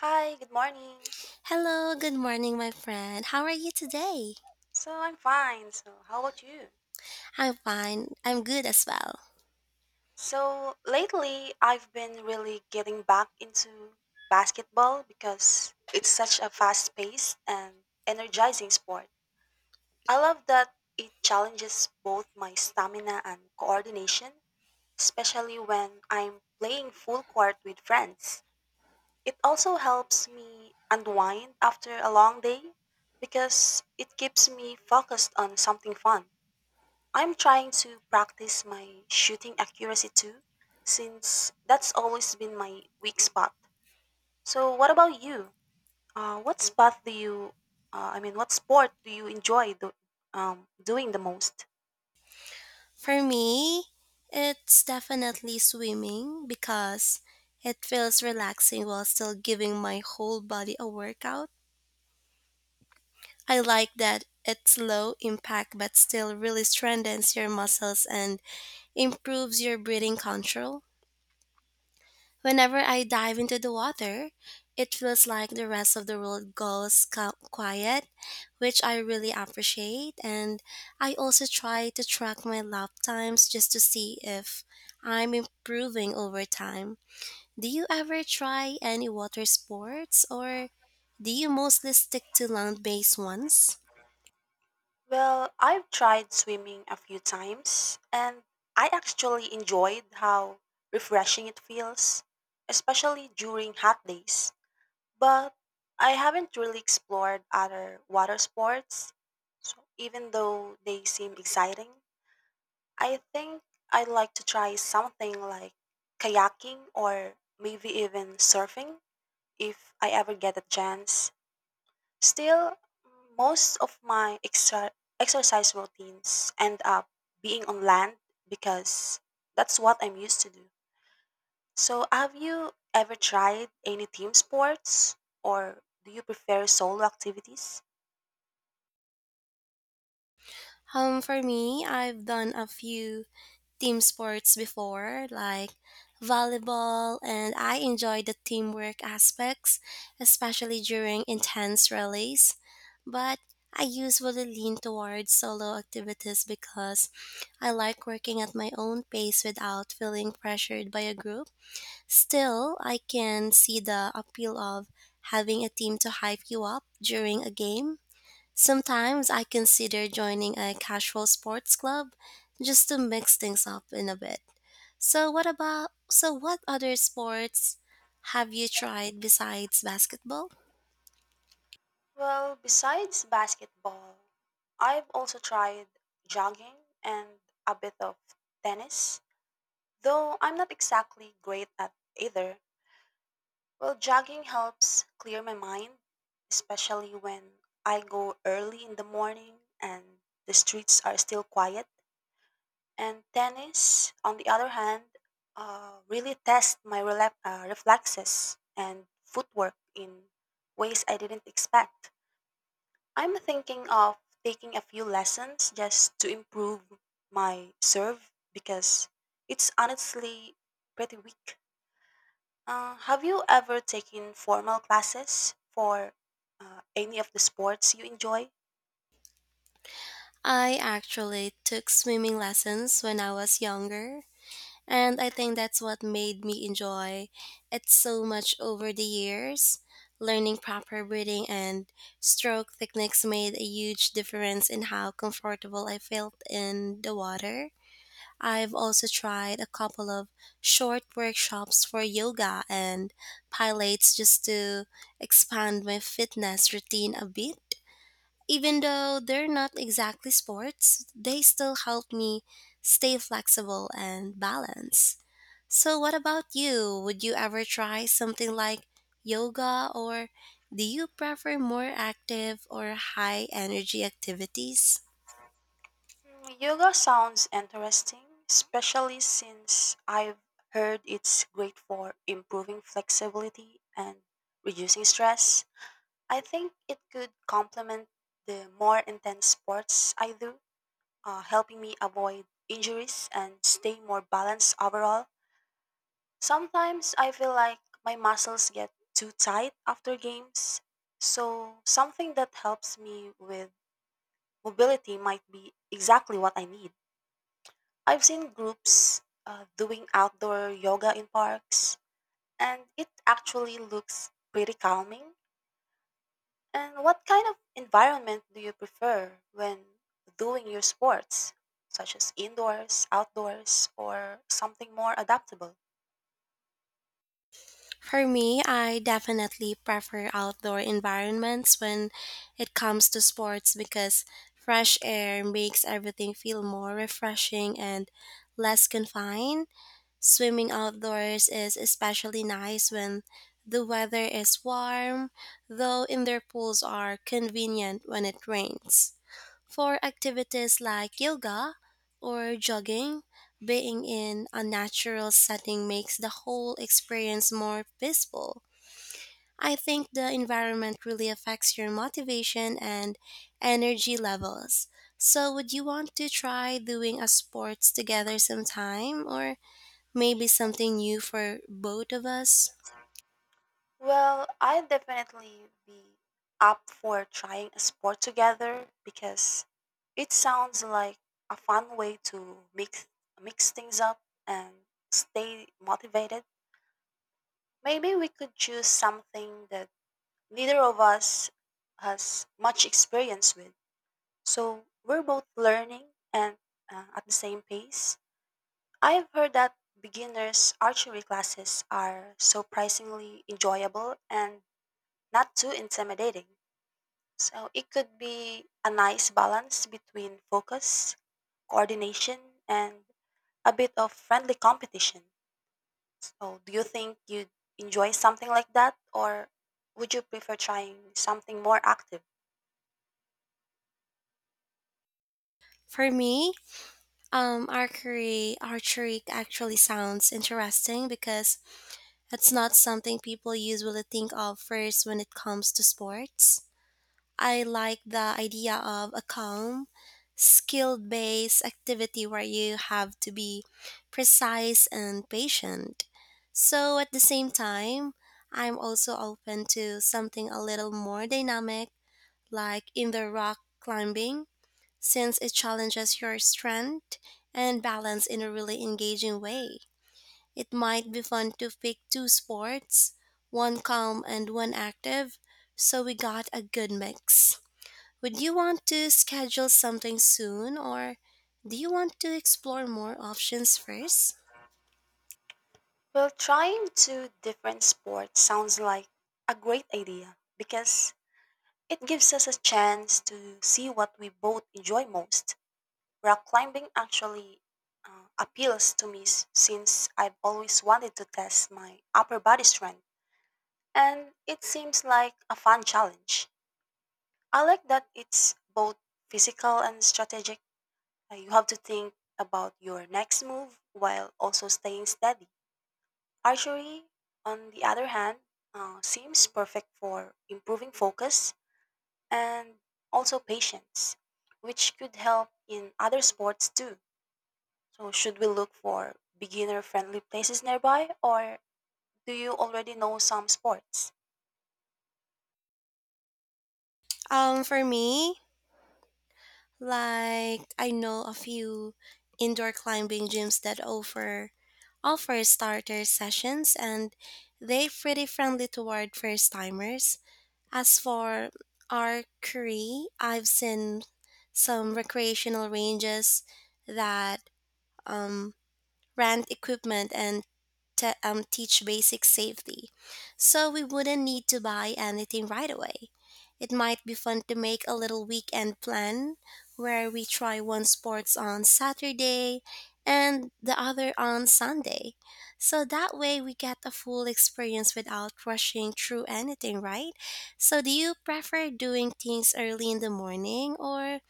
Hi, good morning. Hello, good morning, my friend. How are you today? So I'm fine. So how about you? I'm fine. I'm good as well. So lately I've been really getting back into basketball because it's such a fast-paced and energizing sport. I love that it challenges both my stamina and coordination, especially when I'm playing full court with friends. It also helps me unwind after a long day because it keeps me focused on something fun. I'm trying to practice my shooting accuracy too, since that's always been my weak spot. So, what about you? What spot do you, I mean, what sport do you enjoy do, doing the most? For me, it's definitely swimming because it feels relaxing while still giving my whole body a workout. I like that it's low impact but still really strengthens your muscles and improves your breathing control. Whenever I dive into the water, it feels like the rest of the world goes quiet, which I really appreciate. And I also try to track my lap times just to see if I'm improving over time. Do you ever try any water sports or do you mostly stick to land based ones? Well, I've tried swimming a few times, and I actually enjoyed how refreshing it feels, especially during hot days. But I haven't really explored other water sports. So even though they seem exciting, I think I'd like to try something like kayaking or maybe even surfing if I ever get a chance. Still, most of my exercise routines end up being on land because that's what I'm used to do. So, have you ever tried any team sports or do you prefer solo activities? For me, I've done a few team sports before, like volleyball, and I enjoy the teamwork aspects, especially during intense rallies. But I usually lean towards solo activities because I like working at my own pace without feeling pressured by a group. Still, I can see the appeal of having a team to hype you up during a game. Sometimes I consider joining a casual sports club just to mix things up in a bit. So what other sports have you tried besides basketball? Well, besides basketball, I've also tried jogging and a bit of tennis, though I'm not exactly great at either. Well, jogging helps clear my mind, especially when I go early in the morning and the streets are still quiet. And tennis, on the other hand, really test my reflexes and footwork in ways I didn't expect. I'm thinking of taking a few lessons just to improve my serve because it's honestly pretty weak. Have you ever taken formal classes for any of the sports you enjoy? I actually took swimming lessons when I was younger, and I think that's what made me enjoy it so much over the years. Learning proper breathing and stroke techniques made a huge difference in how comfortable I felt in the water. I've also tried a couple of short workshops for yoga and pilates just to expand my fitness routine a bit. Even though they're not exactly sports, they still help me stay flexible and balanced. So, what about you? Would you ever try something like yoga, or do you prefer more active or high energy activities? Mm, yoga sounds interesting, especially since I've heard it's great for improving flexibility and reducing stress. I think it could complement the more intense sports I do, helping me avoid injuries and stay more balanced overall. Sometimes I feel like my muscles get too tight after games, so something that helps me with mobility might be exactly what I need. I've seen groups doing outdoor yoga in parks, and it actually looks pretty calming. And what kind of environment do you prefer when doing your sports, such as indoors, outdoors, or something more adaptable? For me, I definitely prefer outdoor environments when it comes to sports because fresh air makes everything feel more refreshing and less confined. Swimming outdoors is especially nice when the weather is warm, though indoor pools are convenient when it rains. For activities like yoga or jogging, being in a natural setting makes the whole experience more peaceful. I think the environment really affects your motivation and energy levels. So, would you want to try doing a sports together sometime or maybe something new for both of us? Well, I'd definitely be up for trying a sport together because it sounds like a fun way to mix things up and stay motivated. Maybe we could choose something that neither of us has much experience with. So we're both learning and at the same pace. I've heard that beginners' archery classes are surprisingly enjoyable and not too intimidating. So it could be a nice balance between focus, coordination, and a bit of friendly competition. Oh, do you think you'd enjoy something like that, or would you prefer trying something more active? For me, archery actually sounds interesting because it's not something people usually think of first when it comes to sports. I like the idea of a calm, skill based activity where you have to be precise and patient. So at the same time, I'm also open to something a little more dynamic, like in the rock climbing, since it challenges your strength and balance in a really engaging way. It might be fun to pick two sports, one calm and one active, so we got a good mix. Would you want to schedule something soon or do you want to explore more options first? Well, trying two different sports sounds like a great idea because it gives us a chance to see what we both enjoy most. Rock climbing actually appeals to me since I've always wanted to test my upper body strength, and it seems like a fun challenge. I like that it's both physical and strategic. You have to think about your next move while also staying steady. Archery, on the other hand, seems perfect for improving focus and also patience, which could help in other sports too. So, should we look for beginner friendly places nearby, or do you already know some sports? Um for me, Like I know a few indoor climbing gyms that offer starter sessions and they're pretty friendly toward first timers. As for archery, I've seen some recreational ranges that um rent equipment, and teach basic safety. So we wouldn't need to buy anything right away. It might be fun to make a little weekend plan where we try one sports on Saturday and the other on Sunday. So that way we get a full experience without rushing through anything, right? So do you prefer doing things early in the morning or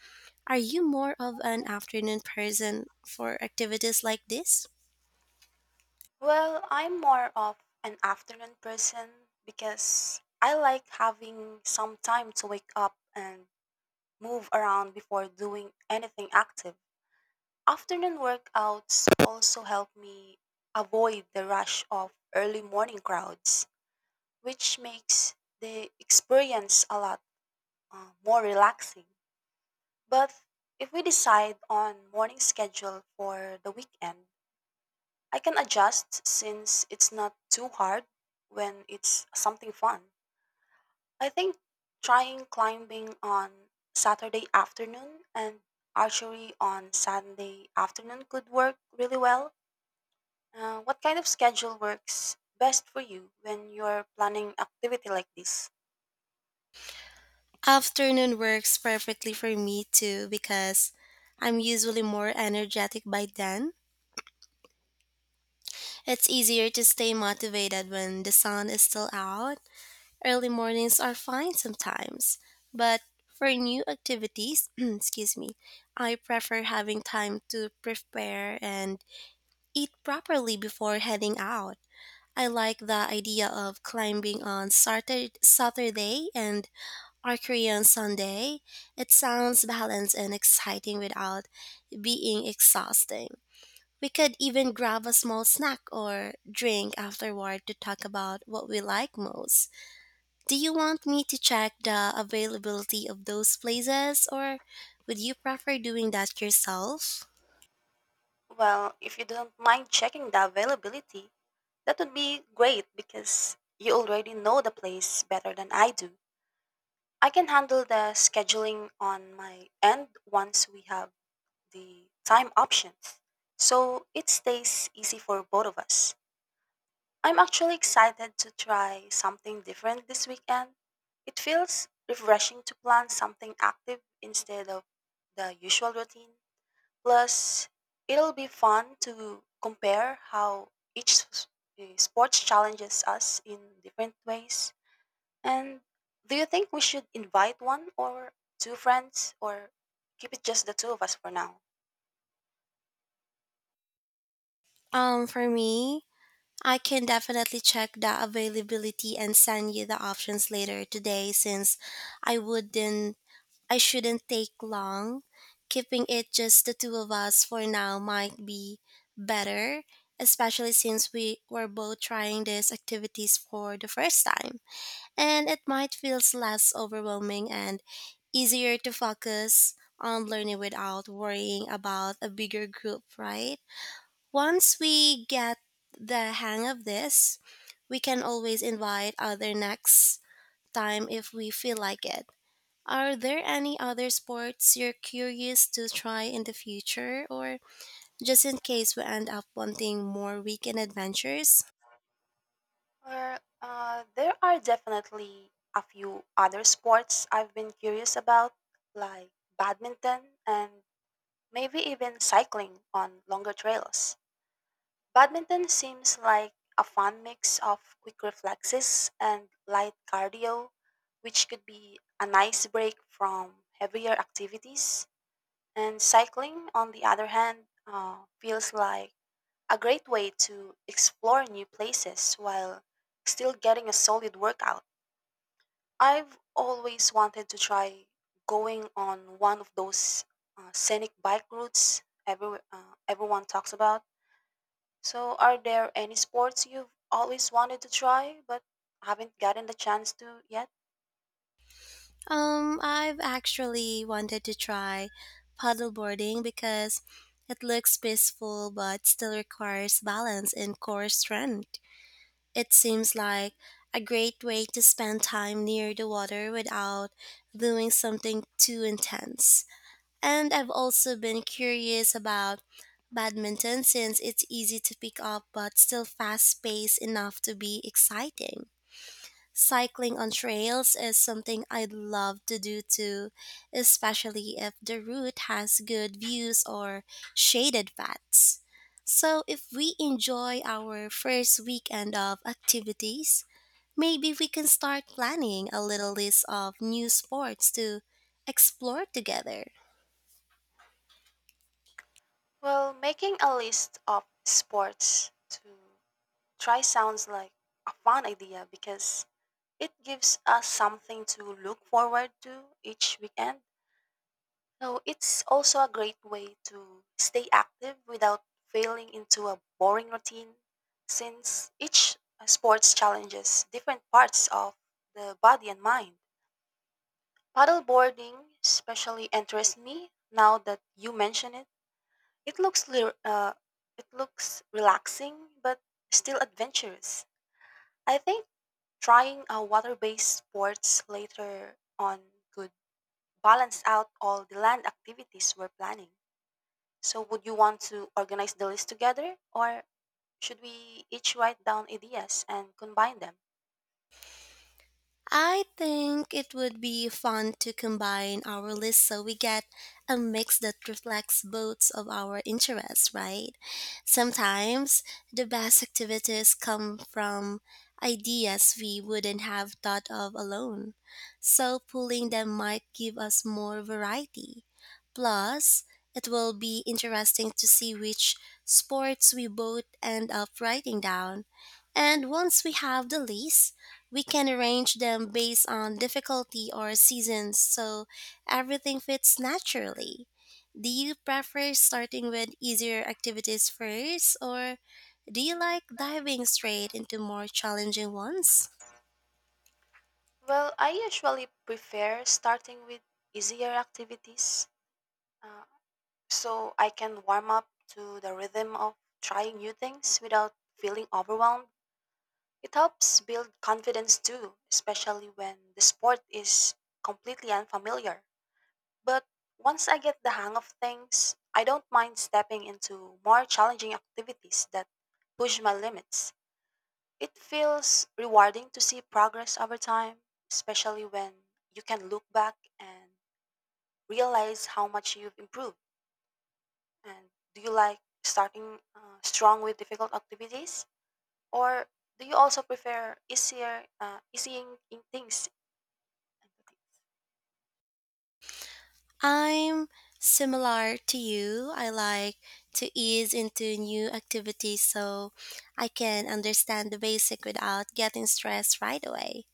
are you more of an afternoon person for activities like this? Well, I'm more of an afternoon person because I like having some time to wake up and move around before doing anything active. Afternoon workouts also help me avoid the rush of early morning crowds, which makes the experience a lot more relaxing. But if we decide on morning schedule for the weekend, I can adjust since it's not too hard when it's something fun. I think trying climbing on Saturday afternoon and archery on Sunday afternoon could work really well. What kind of schedule works best for you when you're planning activity like this? Afternoon works perfectly for me too because I'm usually more energetic by then. It's easier to stay motivated when the sun is still out. Early mornings are fine sometimes, but for new activities, excuse me, I prefer having time to prepare and eat properly before heading out. I like the idea of climbing on Saturday and or Korean Sunday. It sounds balanced and exciting without being exhausting. We could even grab a small snack or drink afterward to talk about what we like most. Do you want me to check the availability of those places or would you prefer doing that yourself? Well, if you don't mind checking the availability, that would be great because you already know the place better than I do. I can handle the scheduling on my end once we have the time options, so it stays easy for both of us. I'm actually excited to try something different this weekend. It feels refreshing to plan something active instead of the usual routine. Plus, it'll be fun to compare how each s- sport challenges us in different ways. And do you think we should invite one or two friends or keep it just the two of us for now? For me, I can definitely check the availability and send you the options later today since I wouldn't I shouldn't take long. Keeping it just the two of us for now might be better, especially since we were both trying these activities for the first time. And it might feel less overwhelming and easier to focus on learning without worrying about a bigger group, right? Once we get the hang of this, we can always invite other next time if we feel like it. Are there any other sports you're curious to try in the future or just in case we end up wanting more weekend adventures? There are definitely a few other sports I've been curious about, like badminton and maybe even cycling on longer trails. Badminton seems like a fun mix of quick reflexes and light cardio, which could be a nice break from heavier activities. And cycling, on the other hand, feels like a great way to explore new places while still getting a solid workout. I've always wanted to try going on one of those scenic bike routes everyone talks about. So, are there any sports you've always wanted to try but haven't gotten the chance to yet? I've actually wanted to try paddleboarding because it looks peaceful but still requires balance and core strength. It seems like a great way to spend time near the water without doing something too intense. And I've also been curious about badminton since it's easy to pick up but still fast paced enough to be exciting. Cycling on trails is something I'd love to do too, especially if the route has good views or shaded paths. So, if we enjoy our first weekend of activities, maybe we can start planning a little list of new sports to explore together. Well, making a list of sports to try sounds like a fun idea because it gives us something to look forward to each weekend. So it's also a great way to stay active without falling into a boring routine since each sports challenges different parts of the body and mind. Paddleboarding especially interests me now that you mention it. It looks lir- uh, it looks relaxing but still adventurous. I think trying a water-based sports later on could balance out all the land activities we're planning. So, would you want to organize the list together, or should we each write down ideas and combine them? I think it would be fun to combine our list so we get a mix that reflects both of our interests, right? Sometimes the best activities come from ideas we wouldn't have thought of alone, so pooling them might give us more variety. Plus, it will be interesting to see which sports we both end up writing down. And once we have the list, we can arrange them based on difficulty or seasons so everything fits naturally. Do you prefer starting with easier activities first, or do you like diving straight into more challenging ones? Well, I usually prefer starting with easier activities uh, so I can warm up to the rhythm of trying new things without feeling overwhelmed. It helps build confidence too, especially when the sport is completely unfamiliar. But once I get the hang of things, I don't mind stepping into more challenging activities that push my limits. It feels rewarding to see progress over time, especially when you can look back and realize how much you've improved. And do you like starting strong with difficult activities, or do you also prefer easing in things? I'm similar to you. I like to ease into new activities so I can understand the basic without getting stressed right away.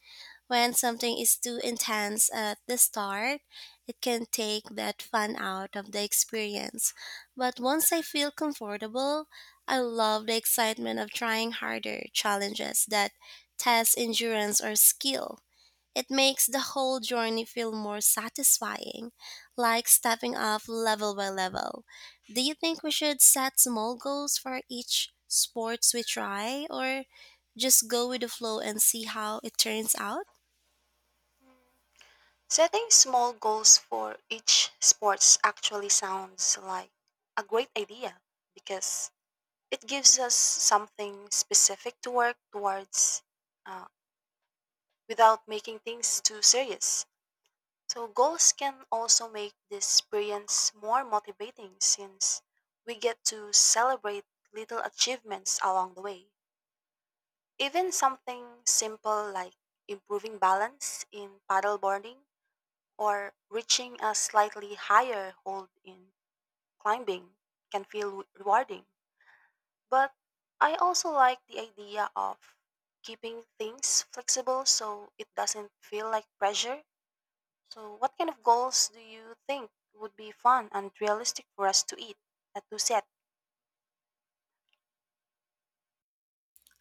When something is too intense at the start, it can take that fun out of the experience. But once I feel comfortable, I love the excitement of trying harder challenges that test endurance or skill. It makes the whole journey feel more satisfying, like stepping up level by level. Do you think we should set small goals for each sports we try or just go with the flow and see how it turns out? Setting small goals for each sports actually sounds like a great idea because it gives us something specific to work towards uh, without making things too serious. So, goals can also make this experience more motivating since we get to celebrate little achievements along the way. Even something simple like improving balance in paddleboarding or reaching a slightly higher hold in climbing can feel rewarding. But I also like the idea of keeping things flexible so it doesn't feel like pressure. So, what kind of goals do you think would be fun and realistic for us to set?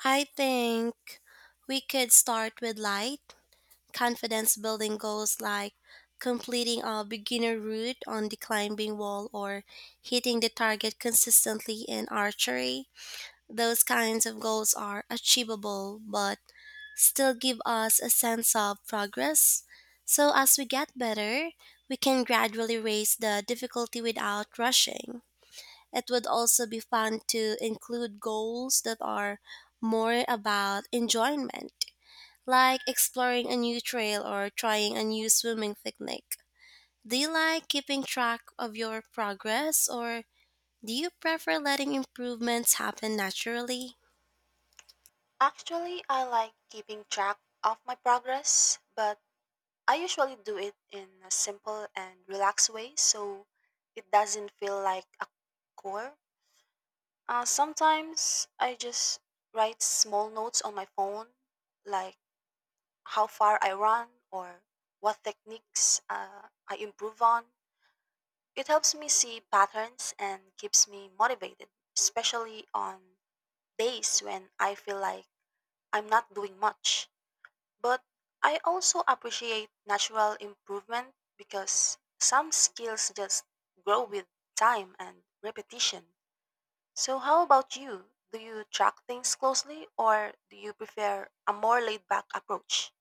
I think we could start with light, confidence building goals like completing a beginner route on the climbing wall or hitting the target consistently in archery. Those kinds of goals are achievable but still give us a sense of progress. So, as we get better, we can gradually raise the difficulty without rushing. It would also be fun to include goals that are more about enjoyment, like exploring a new trail or trying a new swimming technique. Do you like keeping track of your progress or do you prefer letting improvements happen naturally? Actually, I like keeping track of my progress, but I usually do it in a simple and relaxed way so it doesn't feel like a chore. Sometimes I just write small notes on my phone, like how far I run or what techniques I improve on. It helps me see patterns and keeps me motivated, especially on days when I feel like I'm not doing much. But I also appreciate natural improvement because some skills just grow with time and repetition. So, how about you? Do you track things closely or do you prefer a more laid back approach?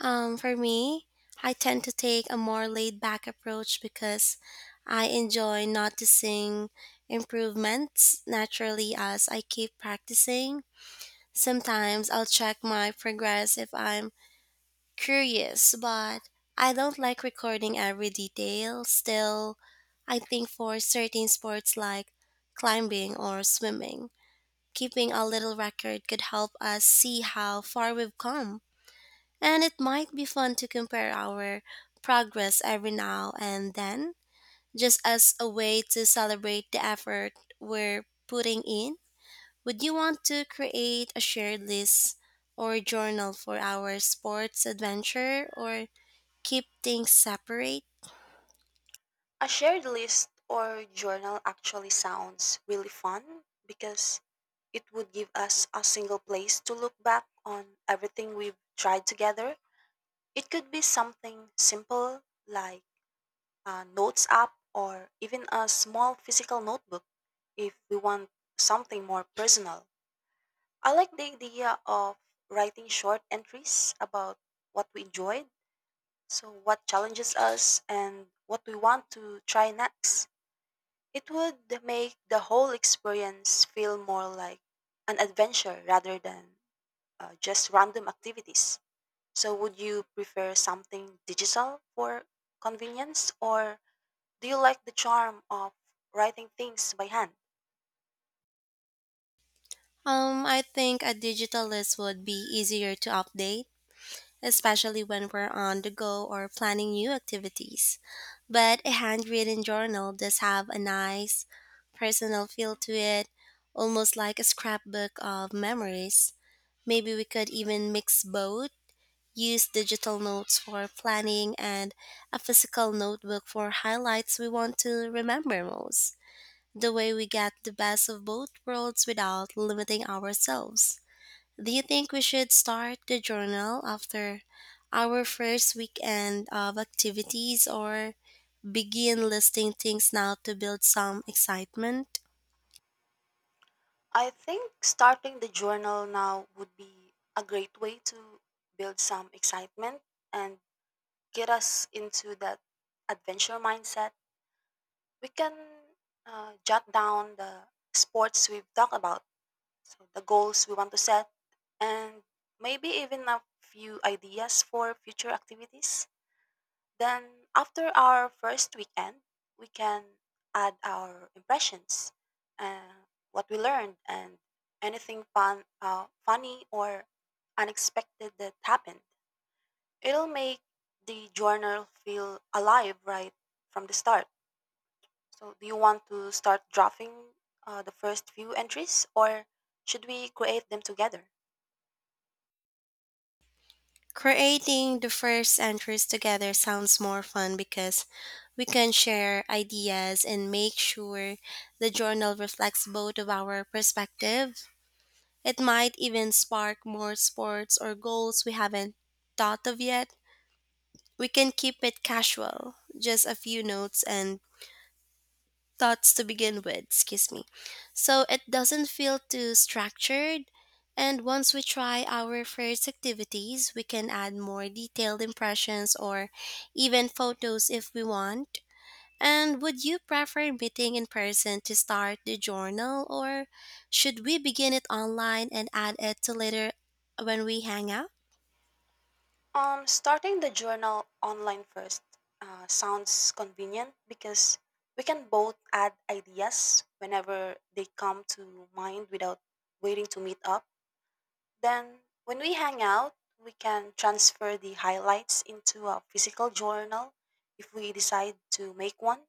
For me, I tend to take a more laid back approach because I enjoy noticing improvements naturally as I keep practicing. Sometimes I'll check my progress if I'm curious, but I don't like recording every detail. Still, I think for certain sports like climbing or swimming, keeping a little record could help us see how far we've come. And it might be fun to compare our progress every now and then, just as a way to celebrate the effort we're putting in. Would you want to create a shared list or journal for our sports adventure or keep things separate? A shared list or journal actually sounds really fun because it would give us a single place to look back on everything we've tried together. It could be something simple like a notes app or even a small physical notebook if we want something more personal. I like the idea of writing short entries about what we enjoyed, so what challenges us, and what we want to try next. It would make the whole experience feel more like an adventure rather than just random activities. So, would you prefer something digital for convenience, or do you like the charm of writing things by hand? I think a digital list would be easier to update, especially when we're on the go or planning new activities. But a handwritten journal does have a nice personal feel to it, almost like a scrapbook of memories. Maybe we could even mix both use digital notes for planning and a physical notebook for highlights we want to remember most. The way we get the best of both worlds without limiting ourselves. Do you think we should start the journal after our first weekend of activities or begin listing things now to build some excitement? I think starting the journal now would be a great way to build some excitement and get us into that adventure mindset. We can jot down the sports we've talked about, so the goals we want to set, and maybe even a few ideas for future activities. Then, after our first weekend, we can add our impressions, uh, what we learned, and anything funny or unexpected that happened. It'll make the journal feel alive right from the start. So, do you want to start drafting the first few entries, or should we create them together? Creating the first entries together sounds more fun because we can share ideas and make sure the journal reflects both of our perspective. It might even spark more sports or goals we haven't thought of yet. We can keep it casual, just a few notes and thoughts to begin with, excuse me. So it doesn't feel too structured. And once we try our first activities, we can add more detailed impressions or even photos if we want. And would you prefer meeting in person to start the journal, or should we begin it online and add it to later when we hang out? Starting the journal online first sounds convenient because we can both add ideas whenever they come to mind without waiting to meet up. Then, when we hang out, we can transfer the highlights into a physical journal if we decide to make one.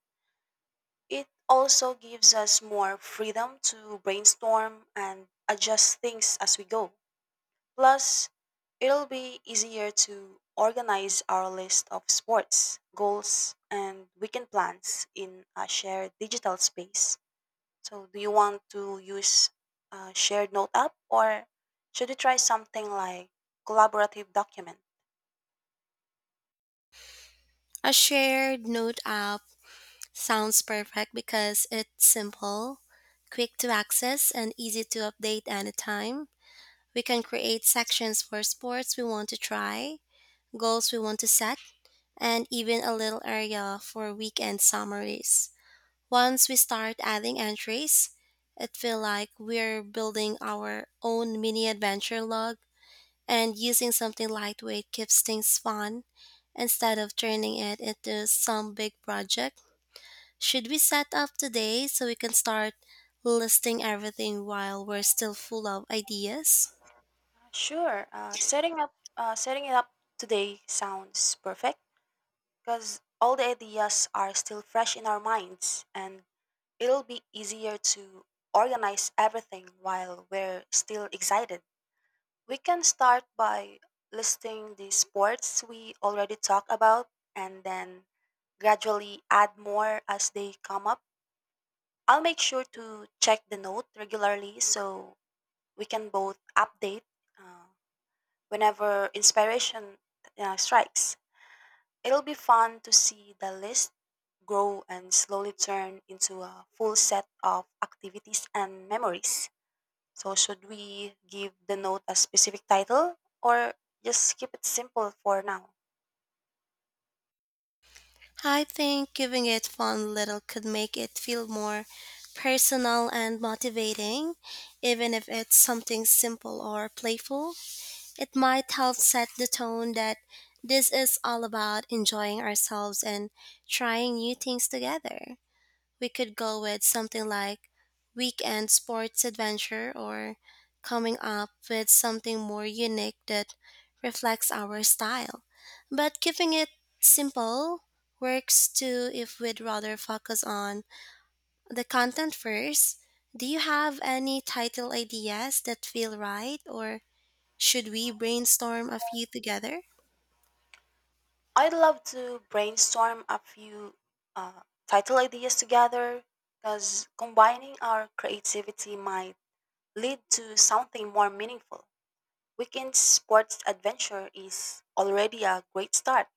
It also gives us more freedom to brainstorm and adjust things as we go. Plus, it'll be easier to organize our list of sports, goals, and weekend plans in a shared digital space. So, do you want to use a shared note app or should we try something like collaborative document? A shared note app sounds perfect because it's simple, quick to access, and easy to update anytime. We can create sections for sports we want to try, goals we want to set, and even a little area for weekend summaries. Once we start adding entries, it feels like we're building our own mini adventure log and using something lightweight keeps things fun instead of turning it into some big project. Should we set up today so we can start listing everything while we're still full of ideas? Sure. Setting it up today sounds perfect because all the ideas are still fresh in our minds and it'll be easier to organize everything while we're still excited. We can start by listing the sports we already talked about and then gradually add more as they come up. I'll make sure to check the note regularly so we can both update uh, whenever inspiration strikes. It'll be fun to see the list grow and slowly turn into a full set of activities and memories. So should we give the note a specific title or just keep it simple for now? I think giving it fun little could make it feel more personal and motivating, even if it's something simple or playful. It might help set the tone that this is all about enjoying ourselves and trying new things together. We could go with something like weekend sports adventure or coming up with something more unique that reflects our style. But keeping it simple works too if we'd rather focus on the content first. Do you have any title ideas that feel right or should we brainstorm a few together? I'd love to brainstorm a few uh, title ideas together because combining our creativity might lead to something more meaningful. Weekend sports adventure is already a great start,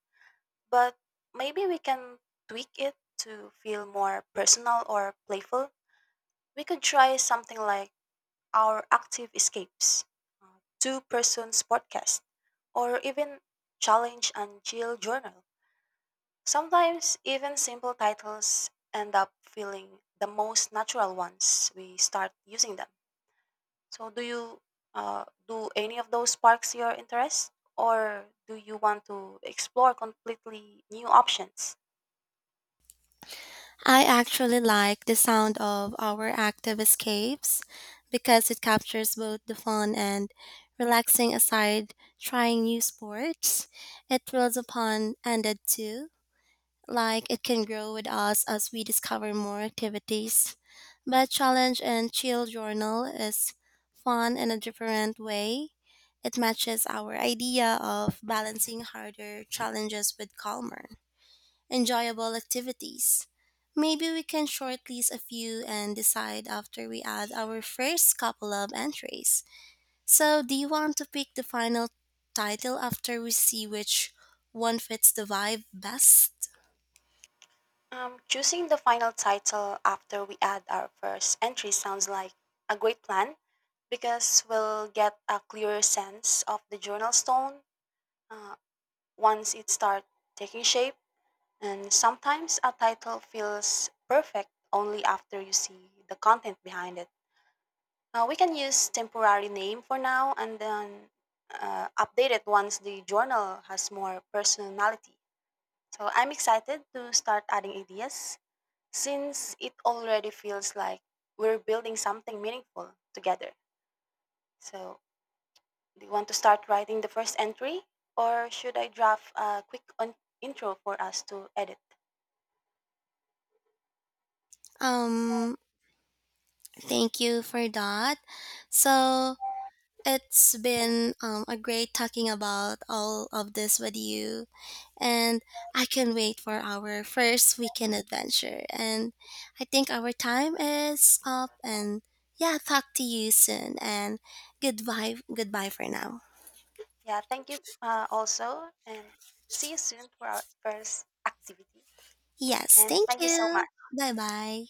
but maybe we can tweak it to feel more personal or playful. We could try something like our active escapes, two persons podcast, or even challenge and chill journal. Sometimes even simple titles end up feeling the most natural once we start using them. So do you do any of those sparks your interest or do you want to explore completely new options? I actually like the sound of our active escapes because it captures both the fun and relaxing aside trying new sports. It thrills upon ended too, like it can grow with us as we discover more activities. But challenge and chill journal is fun in a different way. It matches our idea of balancing harder challenges with calmer enjoyable activities. Maybe we can shortlist a few and decide after we add our first couple of entries. So, do you want to pick the final title after we see which one fits the vibe best? Choosing the final title after we add our first entry sounds like a great plan because we'll get a clearer sense of the journal stone uh, once it starts taking shape. And sometimes a title feels perfect only after you see the content behind it. We can use temporary name for now and then update it once the journal has more personality. So I'm excited to start adding ideas since it already feels like we're building something meaningful together. So, do you want to start writing the first entry, or should I draft a quick intro for us to edit? Um, Thank you for that. So, it's been a great talking about all of this with you, and I can wait for our first weekend adventure. And I think our time is up. And yeah, talk to you soon. And goodbye, goodbye for now. Yeah, thank you also, and see you soon for our first activity. Yes, And thank thank you so you. much. Bye bye.